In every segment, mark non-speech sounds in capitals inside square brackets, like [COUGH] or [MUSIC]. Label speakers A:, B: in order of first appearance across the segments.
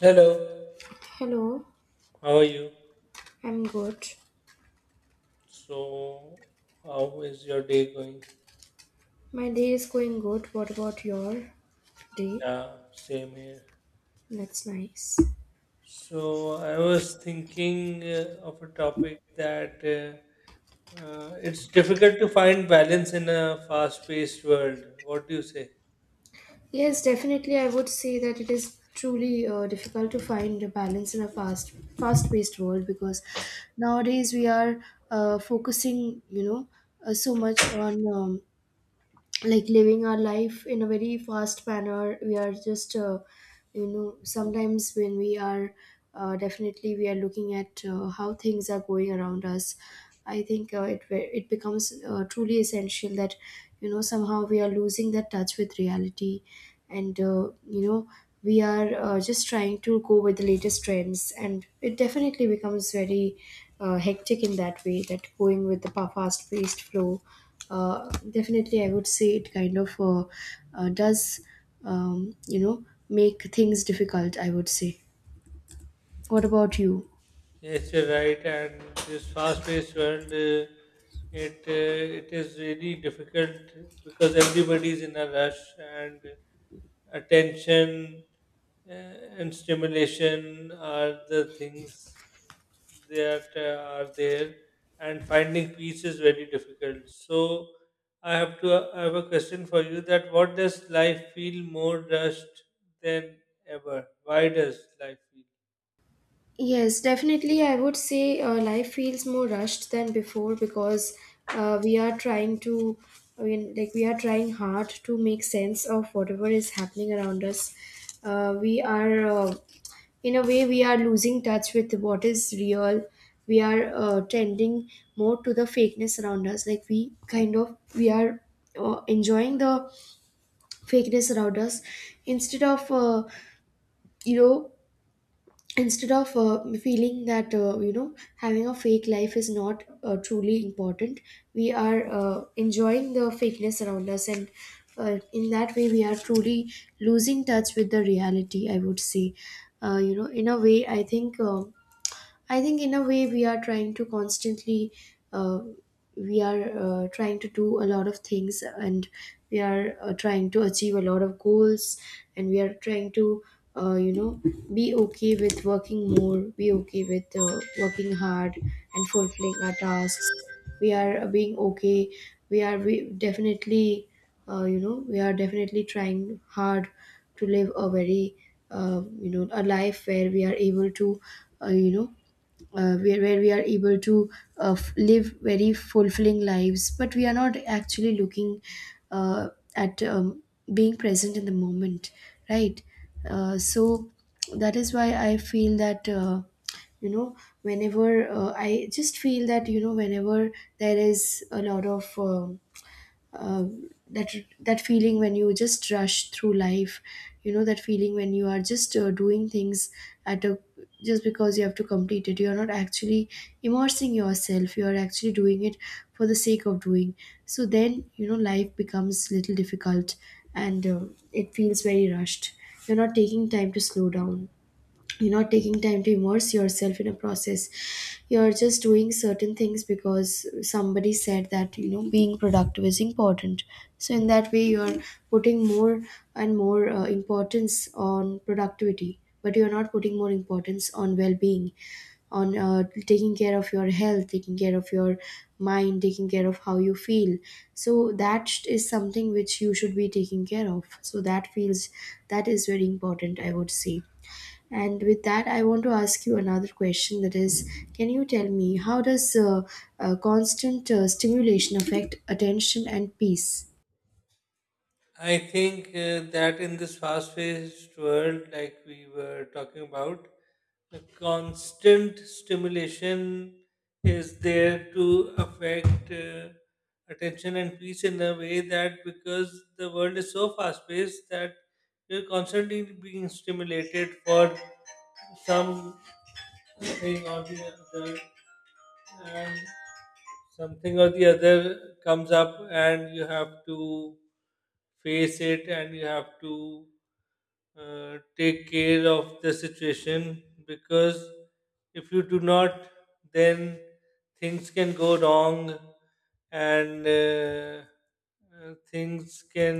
A: Hello,
B: Hello,
A: how are you?
B: I'm good.
A: So, how is your day going?
B: My day is going good. What about your day?
A: Yeah, same here.
B: That's nice.
A: So, I was thinking of a topic that it's difficult to find balance in a fast-paced world. What do you say?
B: Yes, definitely. I would say that it is truly difficult to find a balance in a fast-paced world because nowadays we are focusing, so much on like living our life in a very fast manner. We are just sometimes when we are definitely we are looking at how things are going around us. I think it becomes truly essential that somehow we are losing that touch with reality, and you know we are just trying to go with the latest trends, and it definitely becomes very hectic in that way, that going with the fast paced flow. uh, definitely I would say it kind of does make things difficult, I would say. What about you?
A: Yes, you're right. And this fast-paced world, it it is really difficult because everybody is in a rush and attention uh, and stimulation are the things that are there, and finding peace is very difficult. So I have a question for you. That what does life feel more rushed than ever? Why does life feel?
B: Yes, definitely. I would say life feels more rushed than before because we are trying to, I mean, like we are trying hard to make sense of whatever is happening around us. We are, in a way, we are losing touch with what is real. We are tending more to the fakeness around us. Like we kind of, we are enjoying the fakeness around us instead of you know instead of feeling that having a fake life is not truly important. We are enjoying the fakeness around us, and in that way we are truly losing touch with the reality, I would say. In a way I think I think in a way we are trying to constantly, uh, we are trying to do a lot of things, and we are trying to achieve a lot of goals, and we are trying to, uh, you know, be okay with working more, be okay with working hard and fulfilling our tasks. We are being okay. We definitely, we are definitely trying hard to live a very, a life where we are able to, uh, you know, where we are able to live very fulfilling lives, but we are not actually looking uh, at being present in the moment, right? So that is why I feel that you know whenever I just feel that whenever there is a lot of uh, that that feeling when you just rush through life, that feeling when you are just doing things at a, just because you have to complete it, you are not actually immersing yourself, you are actually doing it for the sake of doing. So then life becomes little difficult, and it feels very rushed. You're not taking time to slow down, you're not taking time to immerse yourself in a process, you're just doing certain things because somebody said that being productive is important. So in that way you're putting more and more importance on productivity, but you're not putting more importance on well-being, on taking care of your health, taking care of your mind, taking care of how you feel. So is something which you should be taking care of, so that feels that is very important, I would say. And with that, I want to ask you another question, that is, can you tell me how does constant stimulation affect attention and peace?
A: I think that in this fast-paced world, like we were talking about, the constant stimulation is there to affect attention and peace in a way that because the world is so fast-paced that you're constantly being stimulated for some thing or the other and something or the other comes up and you have to face it and you have to take care of the situation because if you do not then things can go wrong and things can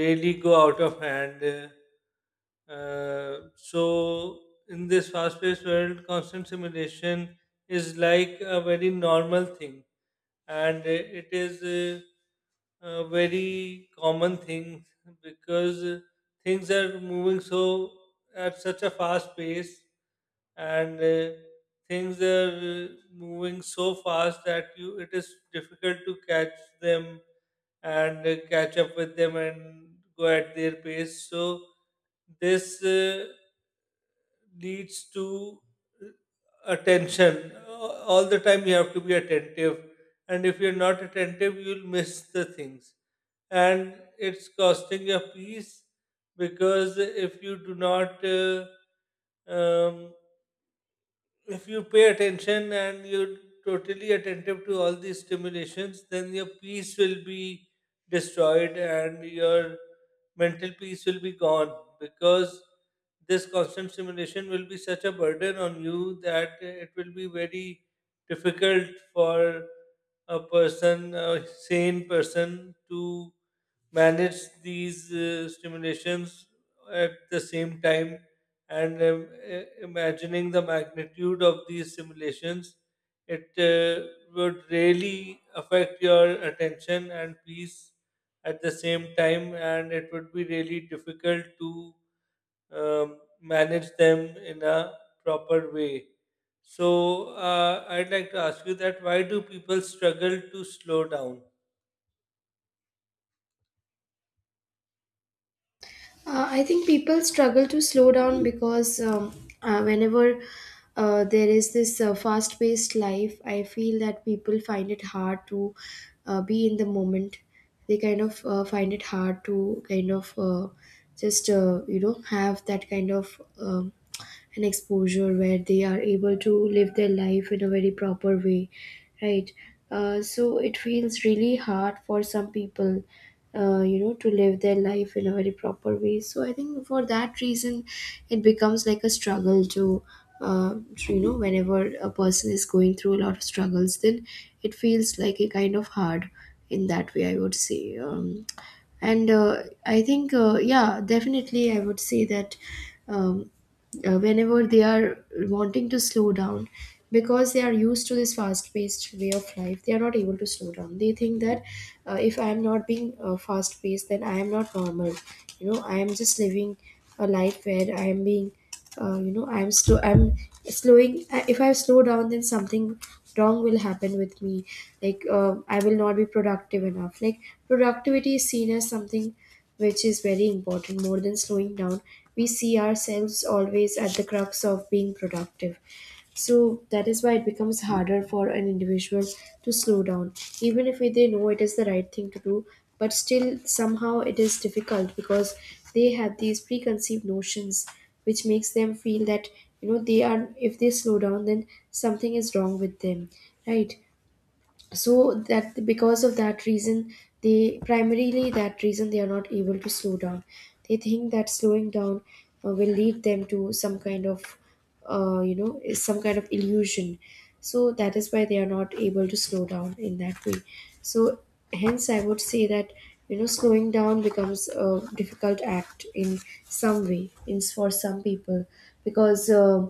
A: really go out of hand, so in this fast-paced world constant simulation is like a very normal thing, and it is a very common thing because things are moving so at such a fast pace, and things are moving so fast that you it is difficult to catch them and catch up with them and go at their pace. So this leads to uh, attention. All the time you have to be attentive, and if you're not attentive, you'll miss the things. And it's costing your peace because if you do not um, if you pay attention and you're totally attentive to all these stimulations, then your peace will be destroyed and your mental peace will be gone because this constant stimulation will be such a burden on you that it will be very difficult for a person, a sane person, to manage these stimulations at the same time. And imagining the magnitude of these simulations, it would really affect your attention and peace at the same time, and it would be really difficult to manage them in a proper way. So I'd like to ask you that why do people struggle to slow down?
B: I think people struggle to slow down because whenever there is this fast paced life, I feel that people find it hard to be in the moment. They kind of find it hard to kind of just, have that kind of. And exposure where they are able to live their life in a very proper way, right? So it feels really hard for some people, to live their life in a very proper way. So I think for that reason it becomes like a struggle to, whenever a person is going through a lot of struggles, then it feels like a kind of hard, in that way I would say. And I think yeah, definitely I would say that um, whenever they are wanting to slow down, because they are used to this fast paced way of life, they are not able to slow down. They think that if I am not being fast paced, then I am not normal. I am just living a life where I am being, I am slow, I'm slowing. If I slow down, then something wrong will happen with me, like I will not be productive enough. Like productivity is seen as something which is very important, more than slowing down. We see ourselves always at the crux of being productive. So that is why it becomes harder for an individual to slow down, even if they know it is the right thing to do. But still somehow it is difficult because they have these preconceived notions which makes them feel that they are, if they slow down, then something is wrong with them, right? So that, because of that reason, they primarily that reason they are not able to slow down. They think that slowing down will lead them to some kind of some kind of illusion. So that is why they are not able to slow down in that way. So hence I would say that slowing down becomes a difficult act in some way, in for some people, because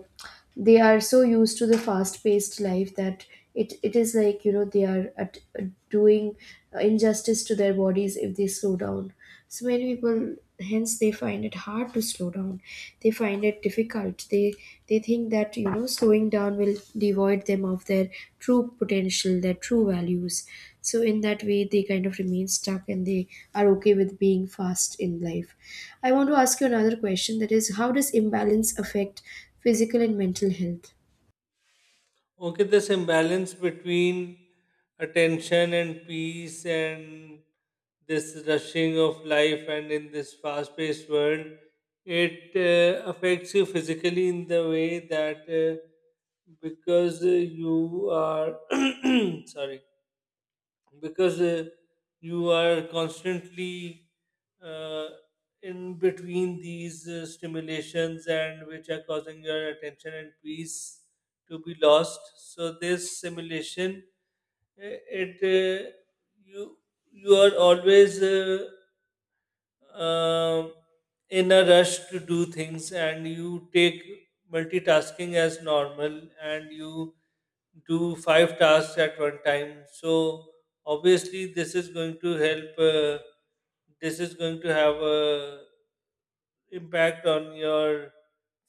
B: they are so used to the fast paced life that it is like they are at, doing injustice to their bodies if they slow down. So many people hence they find it hard to slow down, they find it difficult, they think that slowing down will devoid them of their true potential, their true values. So in that way they kind of remain stuck, and they are okay with being fast in life. I want to ask you another question, that is, how does imbalance affect physical and mental health?
A: Okay, this imbalance between attention and peace and this rushing of life and in this fast paced world, it affects you physically in the way that because you are [CLEARS THROAT] sorry, because you are constantly uh, in between these stimulations and which are causing your attention and peace to be lost. So this simulation, it you you are always um, in a rush to do things and you take multitasking as normal, and you do five tasks at one time. So obviously this is going to help this is going to have a impact on your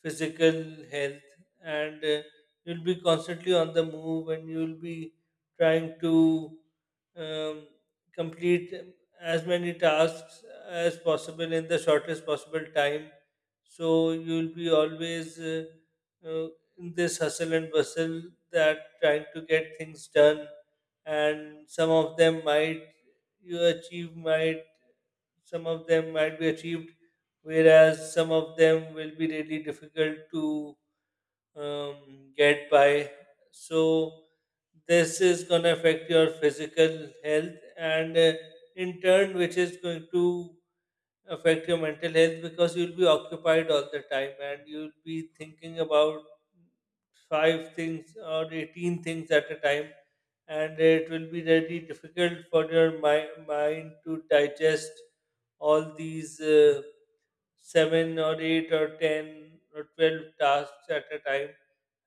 A: physical health. And you'll be constantly on the move, and you'll be trying to um, complete as many tasks as possible in the shortest possible time. So you'll be always uh, in this hustle and bustle, that trying to get things done, and you achieve might some of them might be achieved, whereas some of them will be really difficult to get by. So, this is going to affect your physical health, and in turn, which is going to affect your mental health because you'll be occupied all the time, and you'll be thinking about five things or 18 things at a time, and it will be really difficult for your mind to digest all these 7 or 8 or 10 or 12 tasks at a time,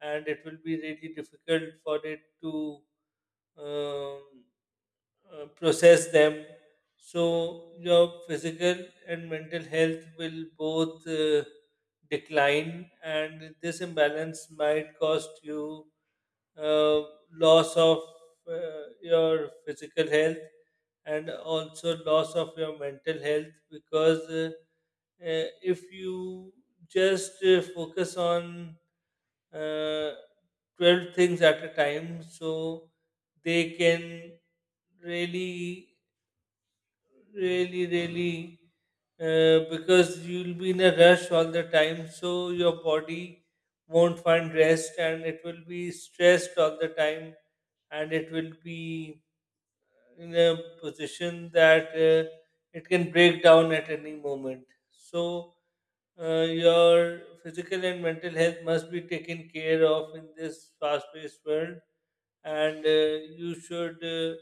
A: and it will be really difficult for it to um, process them. So your physical and mental health will both decline, and this imbalance might cost you uh, loss of your physical health and also loss of your mental health. Because if you just focus on uh, 12 things at a time, so they can really really because you'll be in a rush all the time, so your body won't find rest and it will be stressed all the time, and it will be in a position that it can break down at any moment. So your physical and mental health must be taken care of in this fast-paced world, and you should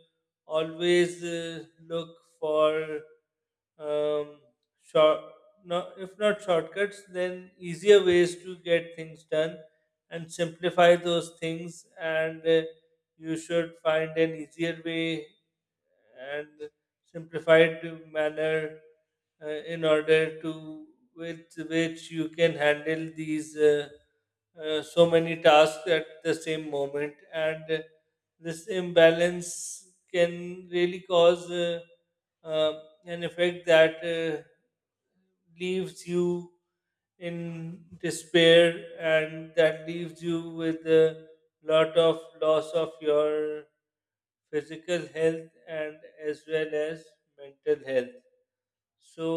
A: always look for um, short, no, if not shortcuts, then easier ways to get things done, and simplify those things. And you should find an easier way and simplified manner in order to with which you can handle these so many tasks at the same moment. And this imbalance can really cause uh, an effect that leaves you in despair, and that leaves you with a lot of loss of your physical health and as well as mental health. So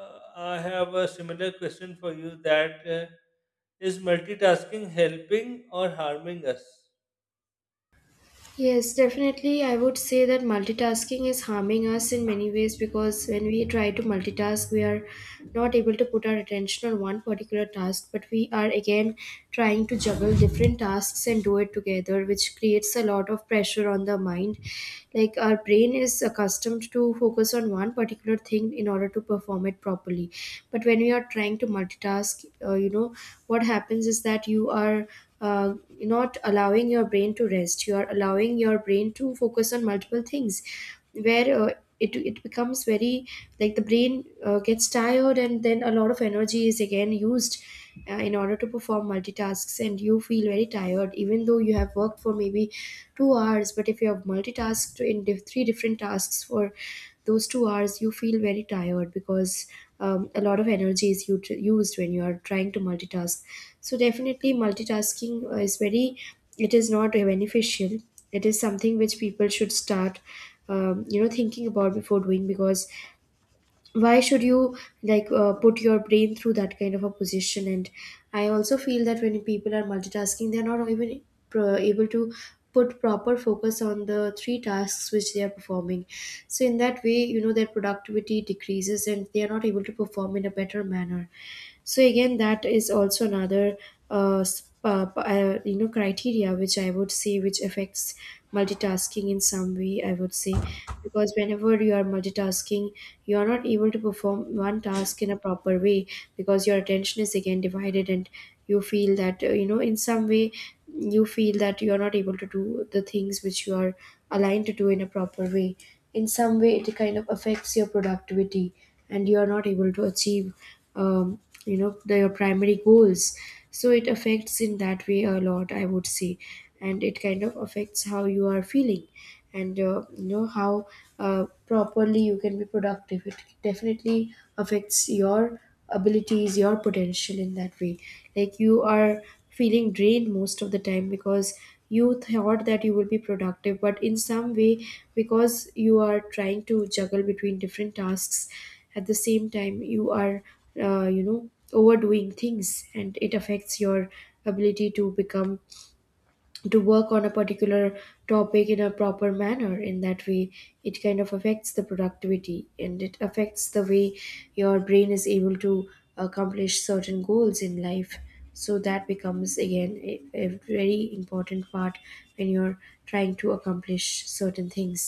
A: I have a similar question for you that is multitasking helping or harming us?
B: Yes, definitely. I would say that multitasking is harming us in many ways, because when we try to multitask, we are not able to put our attention on one particular task, but we are again trying to juggle different tasks and do it together, which creates a lot of pressure on the mind. Like our brain is accustomed to focus on one particular thing in order to perform it properly. But when we are trying to multitask, what happens is that you are uh, not allowing your brain to rest, you are allowing your brain to focus on multiple things, where it becomes very, like the brain gets tired, and then a lot of energy is again used in order to perform multitasks, and you feel very tired even though you have worked for maybe 2 hours, but if you have multitasked in three different tasks for those 2 hours, you feel very tired because a lot of energy is used when you are trying to multitask. So definitely multitasking is very, it is not beneficial. It is something which people should start thinking about before doing, because why should you like put your brain through that kind of a position. And I also feel that when people are multitasking, they're not even able to put proper focus on the three tasks which they are performing. So in that way their productivity decreases, and they are not able to perform in a better manner. So again, that is also another criteria, which I would say, which affects multitasking in some way, I would say. Because whenever you are multitasking, you are not able to perform one task in a proper way, because your attention is again divided, and you feel that, in some way, you feel that you are not able to do the things which you are aligned to do in a proper way. In some way it kind of affects your productivity, and you are not able to achieve their primary goals. So it affects in that way a lot, I would say. And it kind of affects how you are feeling, and how properly you can be productive. It definitely affects your abilities, your potential, in that way. Like you are feeling drained most of the time, because you thought that you will be Productive but in some way, because you are trying to juggle between different tasks at the same time, you are overdoing things, and it affects your ability to become to work on a particular topic in a proper manner. In that way it kind of affects the productivity, and it affects the way your brain is able to accomplish certain goals in life. So that becomes again a very important part when you're trying to accomplish certain things.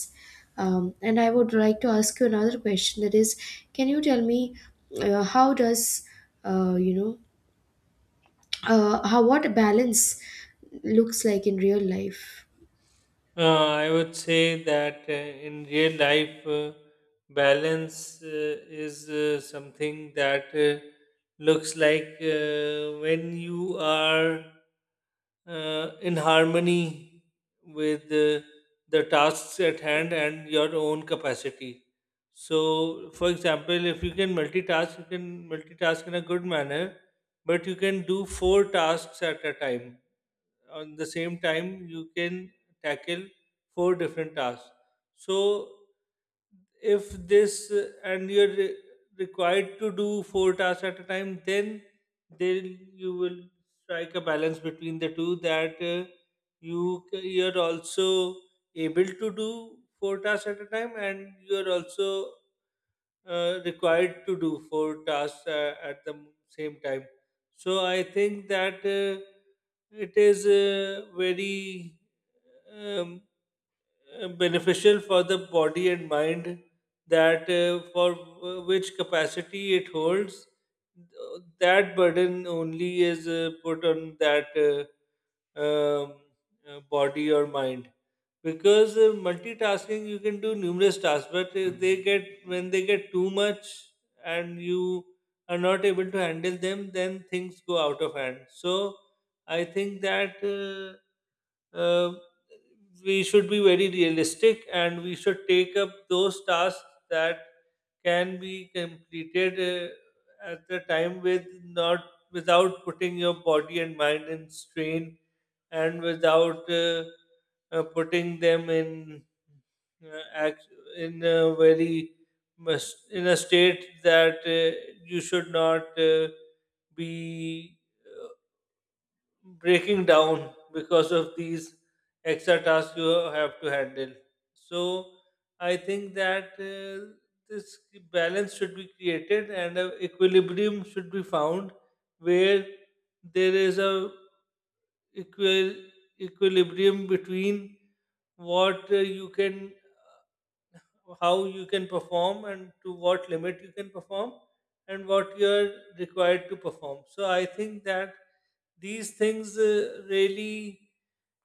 B: And I would like to ask you another question, that is, can you tell me how does, uh, you know how, what balance looks like in real life?
A: I would say that in real life, balance is something that looks like when you are in harmony with the tasks at hand and your own capacity. So, for example, if you can multitask, you can multitask in a good manner, but you can do four tasks at a time. On the same time you can tackle four different tasks. So if this and you're required to do four tasks at a time, then you will strike a balance between the two, that you you're also able to do four tasks at a time, and you're also required to do four tasks at the same time. So I think that it is very um, beneficial for the body and mind, that for which capacity it holds, that burden only is put on that body or mind. Because multitasking, you can do numerous tasks, but they get when they get too much and you are not able to handle them, then things go out of hand. So I think that uh, we should be very realistic, and we should take up those tasks that can be completed at the time with not without putting your body and mind in strain, and without putting them in uh, act- in a very in a state that you should not be breaking down because of these extra tasks you have to handle. So I think that this balance should be created and an equilibrium should be found where there is a equal equilibrium between what you can how you can perform, and to what limit you can perform, and what you're required to perform. So I think that these things really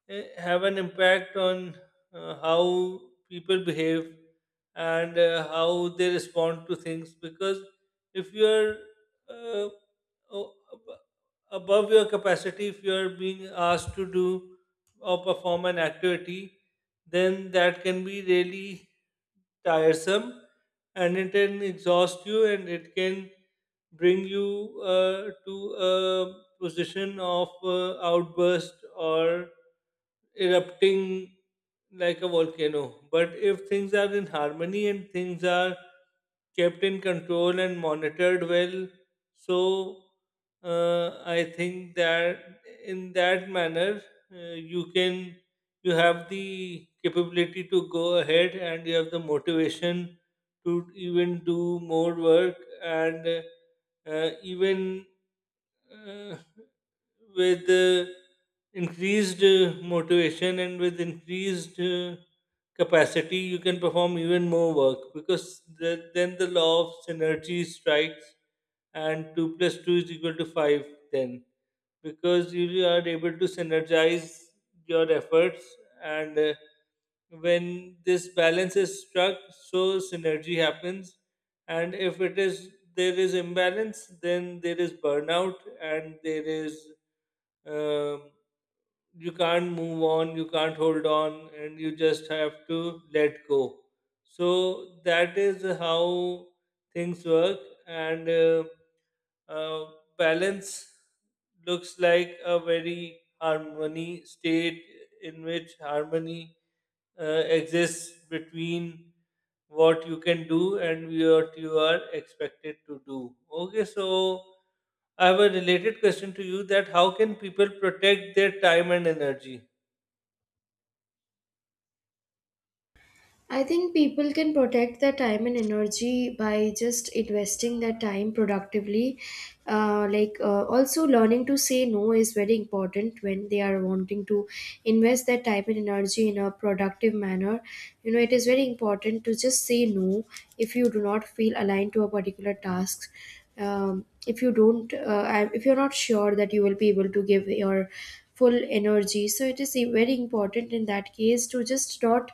A: have an impact on how people behave and how they respond to things, because if you're uh, o- ab- above your capacity, if you're being asked to do or perform an activity, then that can be really tiresome, and it can exhaust you, and it can bring you to a position of outburst or erupting like a volcano. But if things are in harmony and things are kept in control and monitored well, so I think that in that manner you can you have the capability to go ahead, and you have the motivation to even do more work, and even uh, with increased motivation and with increased capacity, you can perform even more work, because then the law of synergy strikes and 2 plus 2 is equal to 5. Then because you are able to synergize your efforts, and when this balance is struck, so synergy happens. And if it is there is imbalance, then there is burnout, and there is um, you can't move on, you can't hold on, and you just have to let go. So that is how things work, and uh, balance looks like a very harmony state in which harmony uh, exists between what you can do and what you are expected to do. Okay, so I have a related question to you that how can people protect their time and energy?
B: I think people can protect their time and energy by just investing their time productively. Like, also learning to say no is very important when they are wanting to invest their time and energy in a productive manner. You know, it is very important to just say no if you do not feel aligned to a particular task. If you don't, if you're not sure that you will be able to give your full energy, so it is very important in that case to just not,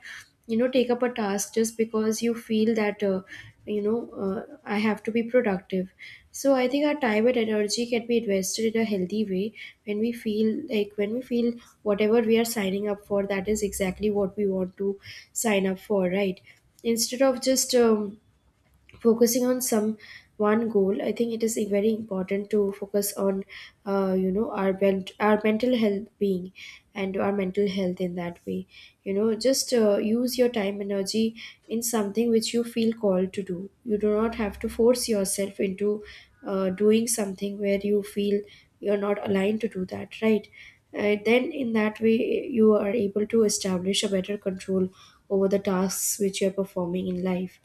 B: you know, take up a task just because you feel that, you know I have to be productive. So I think our time and energy can be invested in a healthy way when we feel whatever we are signing up for, that is exactly what we want to sign up for, right? Instead of just focusing on some one goal, I think it is very important to focus on, our bent, our mental health being, and our mental health. In that way, you know, just use your time, energy in something which you feel called to do. You do not have to force yourself into doing something where you feel you're not aligned to do, that right? Then in that way you are able to establish a better control over the tasks which you're performing in life,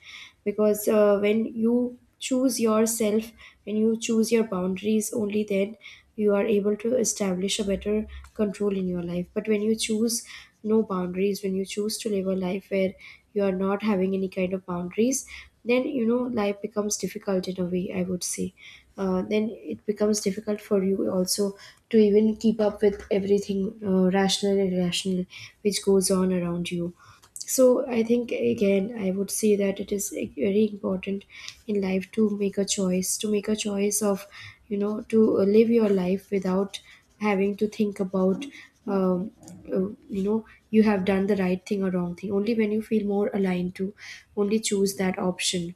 B: because when you choose yourself, when you choose your boundaries, only then you are able to establish a better control in your life. But when you choose no boundaries, when you choose to live a life where you are not having any kind of boundaries, then, you know, life becomes difficult in a way, I would say. Then it becomes difficult for you also to even keep up with everything, rational and irrational, which goes on around you. So I think, again, I would say that it is, like, very important in life to make a choice, to make a choice of, you know, to live your life without having to think about, um, you know, you have done the right thing or wrong thing. Only when you feel more aligned to, only choose that option.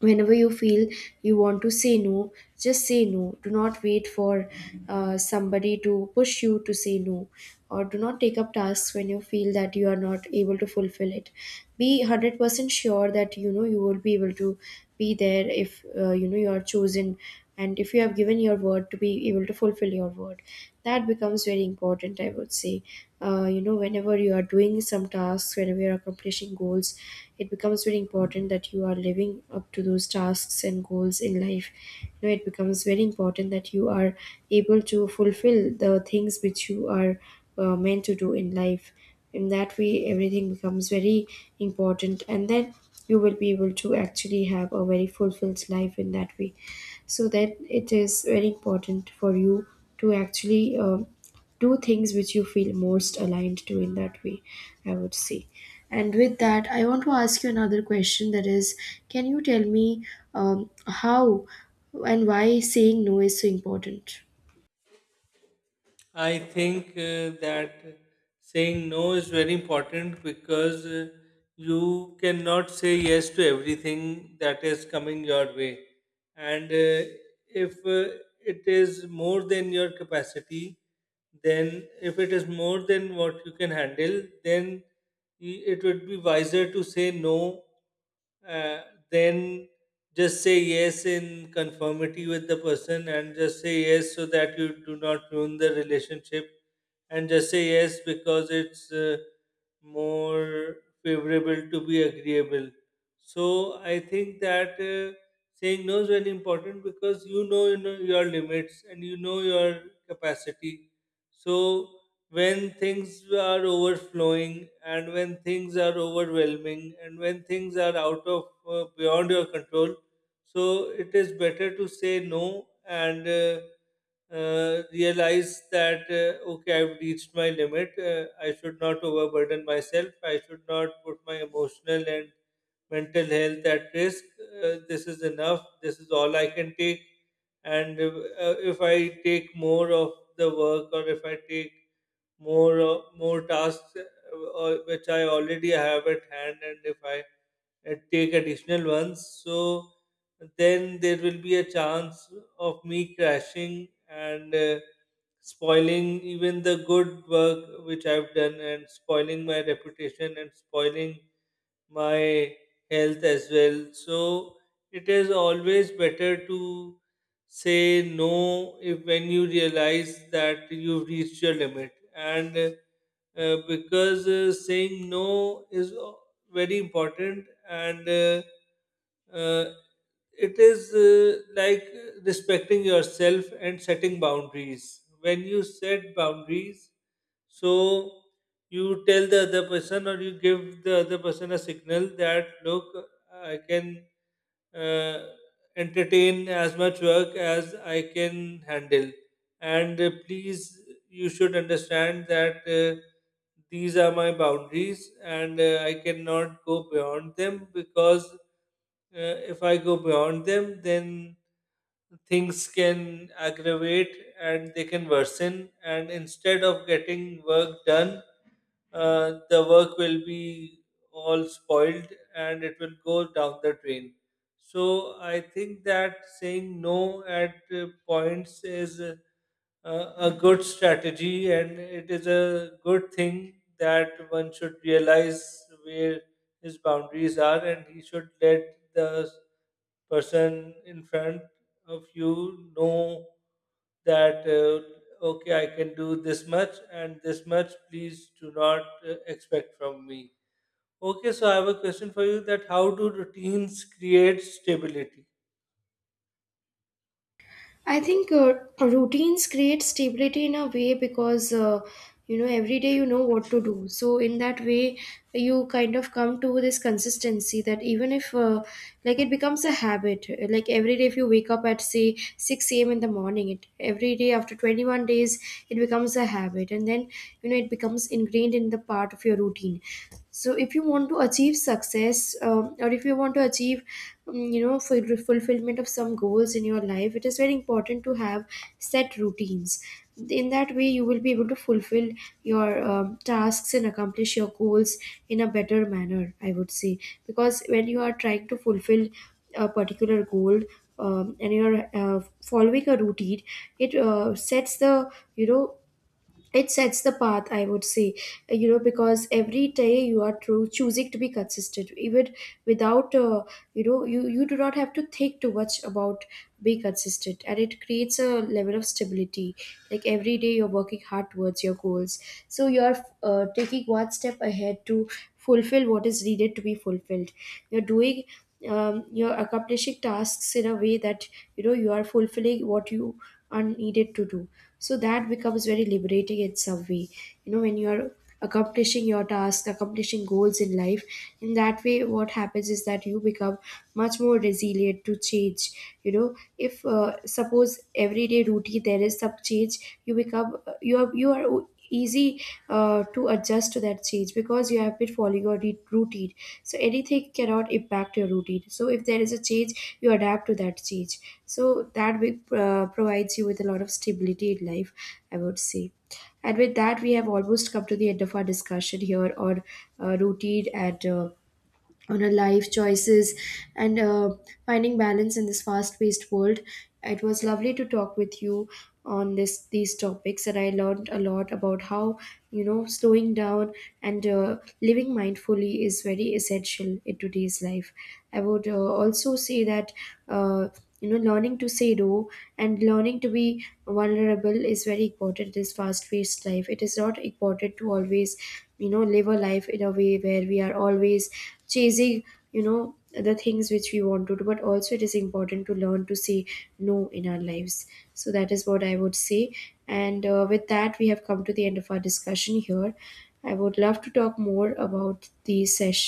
B: Whenever you feel you want to say no, just say no. Do not wait for somebody to push you to say no, or do not take up tasks when you feel that you are not able to fulfill it. Be 100% sure that you know you will be able to be there if, you know, you are chosen, and if you have given your word, to be able to fulfill your word. That becomes very important, I would say. You know, whenever you are doing some tasks, whenever you are accomplishing goals, it becomes very important that you are living up to those tasks and goals in life. You know, it becomes very important that you are able to fulfill the things which you are meant to do in life. In that way everything becomes very important, and then you will be able to actually have a very fulfilled life in that way. So that it is very important for you to actually do things which you feel most aligned to, in that way, I would say. And with that, I want to ask you another question, that is, can you tell me how and why saying no is so important?
A: I think that saying no is very important because you cannot say yes to everything that is coming your way. And if it is more than your capacity, then if it is more than what you can handle, then it would be wiser to say no uh, than just say yes in conformity with the person, and just say yes so that you do not ruin the relationship, and just say yes because it's more favorable to be agreeable. So I think that saying no is very important because you know your limits and you know your capacity. So when things are overflowing and when things are overwhelming and when things are out of beyond your control, so it is better to say no. And realize that, okay, I've reached my limit. I should not overburden myself. I should not put my emotional and mental health at risk. This is enough. This is all I can take. And if I take more of the work, or if I take more tasks or which I already have at hand, and if I and take additional ones. So then there will be a chance of me crashing and spoiling even the good work which I've done, and spoiling my reputation and spoiling my health as well. So it is always better to say no if when you realize that you've reached your limit. And because saying no is very important, and uh, it is like respecting yourself and setting boundaries. When you set boundaries, so you tell the other person, or you give the other person a signal that look, I can uh, entertain as much work as I can handle, and please, you should understand that these are my boundaries, and I cannot go beyond them, because if I go beyond them, then things can aggravate and they can worsen, and instead of getting work done, the work will be all spoiled, and it will go down the drain. So I think that saying no at points is a good strategy, and it is a good thing that one should realize where his boundaries are, and he should let the person in front of you know that okay, I can do this much and this much, please do not expect from me. Okay, so I have a question for you that how do routines create stability?
B: I think routines create stability in a way, because you know, every day you know what to do. So in that way, you kind of come to this consistency that, even if like, it becomes a habit. Like every day, if you wake up at say six a.m. in the morning, it every day after 21 days, it becomes a habit, and then you know it becomes ingrained in the part of your routine. So if you want to achieve success, or if you want to achieve, you know, fulfillment of some goals in your life, it is very important to have set routines. In that way you will be able to fulfill your tasks and accomplish your goals in a better manner, I would say. Because when you are trying to fulfill a particular goal, and you're following a routine, it sets the, you know, it sets the path, I would say. You know, because every day you are true, choosing to be consistent, even without, you do not have to think too much about being consistent, and it creates a level of stability. Like every day you're working hard towards your goals, so you're taking one step ahead to fulfill what is needed to be fulfilled. You're doing, you're accomplishing tasks in a way that, you know, you are fulfilling what you are needed to do. So that becomes very liberating in some way. You know, when you are accomplishing your task, accomplishing goals in life, in that way what happens is that you become much more resilient to change. You know, if suppose everyday routine there is some change, you become you are easy to adjust to that change, because you have been following your routine. So anything cannot impact your routine, so if there is a change you adapt to that change. So that will, provides you with a lot of stability in life, I would say. And with that, we have almost come to the end of our discussion here on routine and on her life choices and finding balance in this fast-paced world. It was lovely to talk with you on this these topics, and I learned a lot about how, you know, slowing down and living mindfully is very essential in today's life. I would also say that. Uh, you know, learning to say no and learning to be vulnerable is very important in this fast-paced life. It is not important to always, you know, live a life in a way where we are always chasing, you know, the things which we want to do, but also it is important to learn to say no in our lives. So that is what I would say. And with that, we have come to the end of our discussion here. I would love to talk more about the sesh,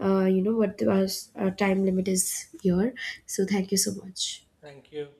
B: what the, our time limit is here. So thank you so much.
A: Thank you.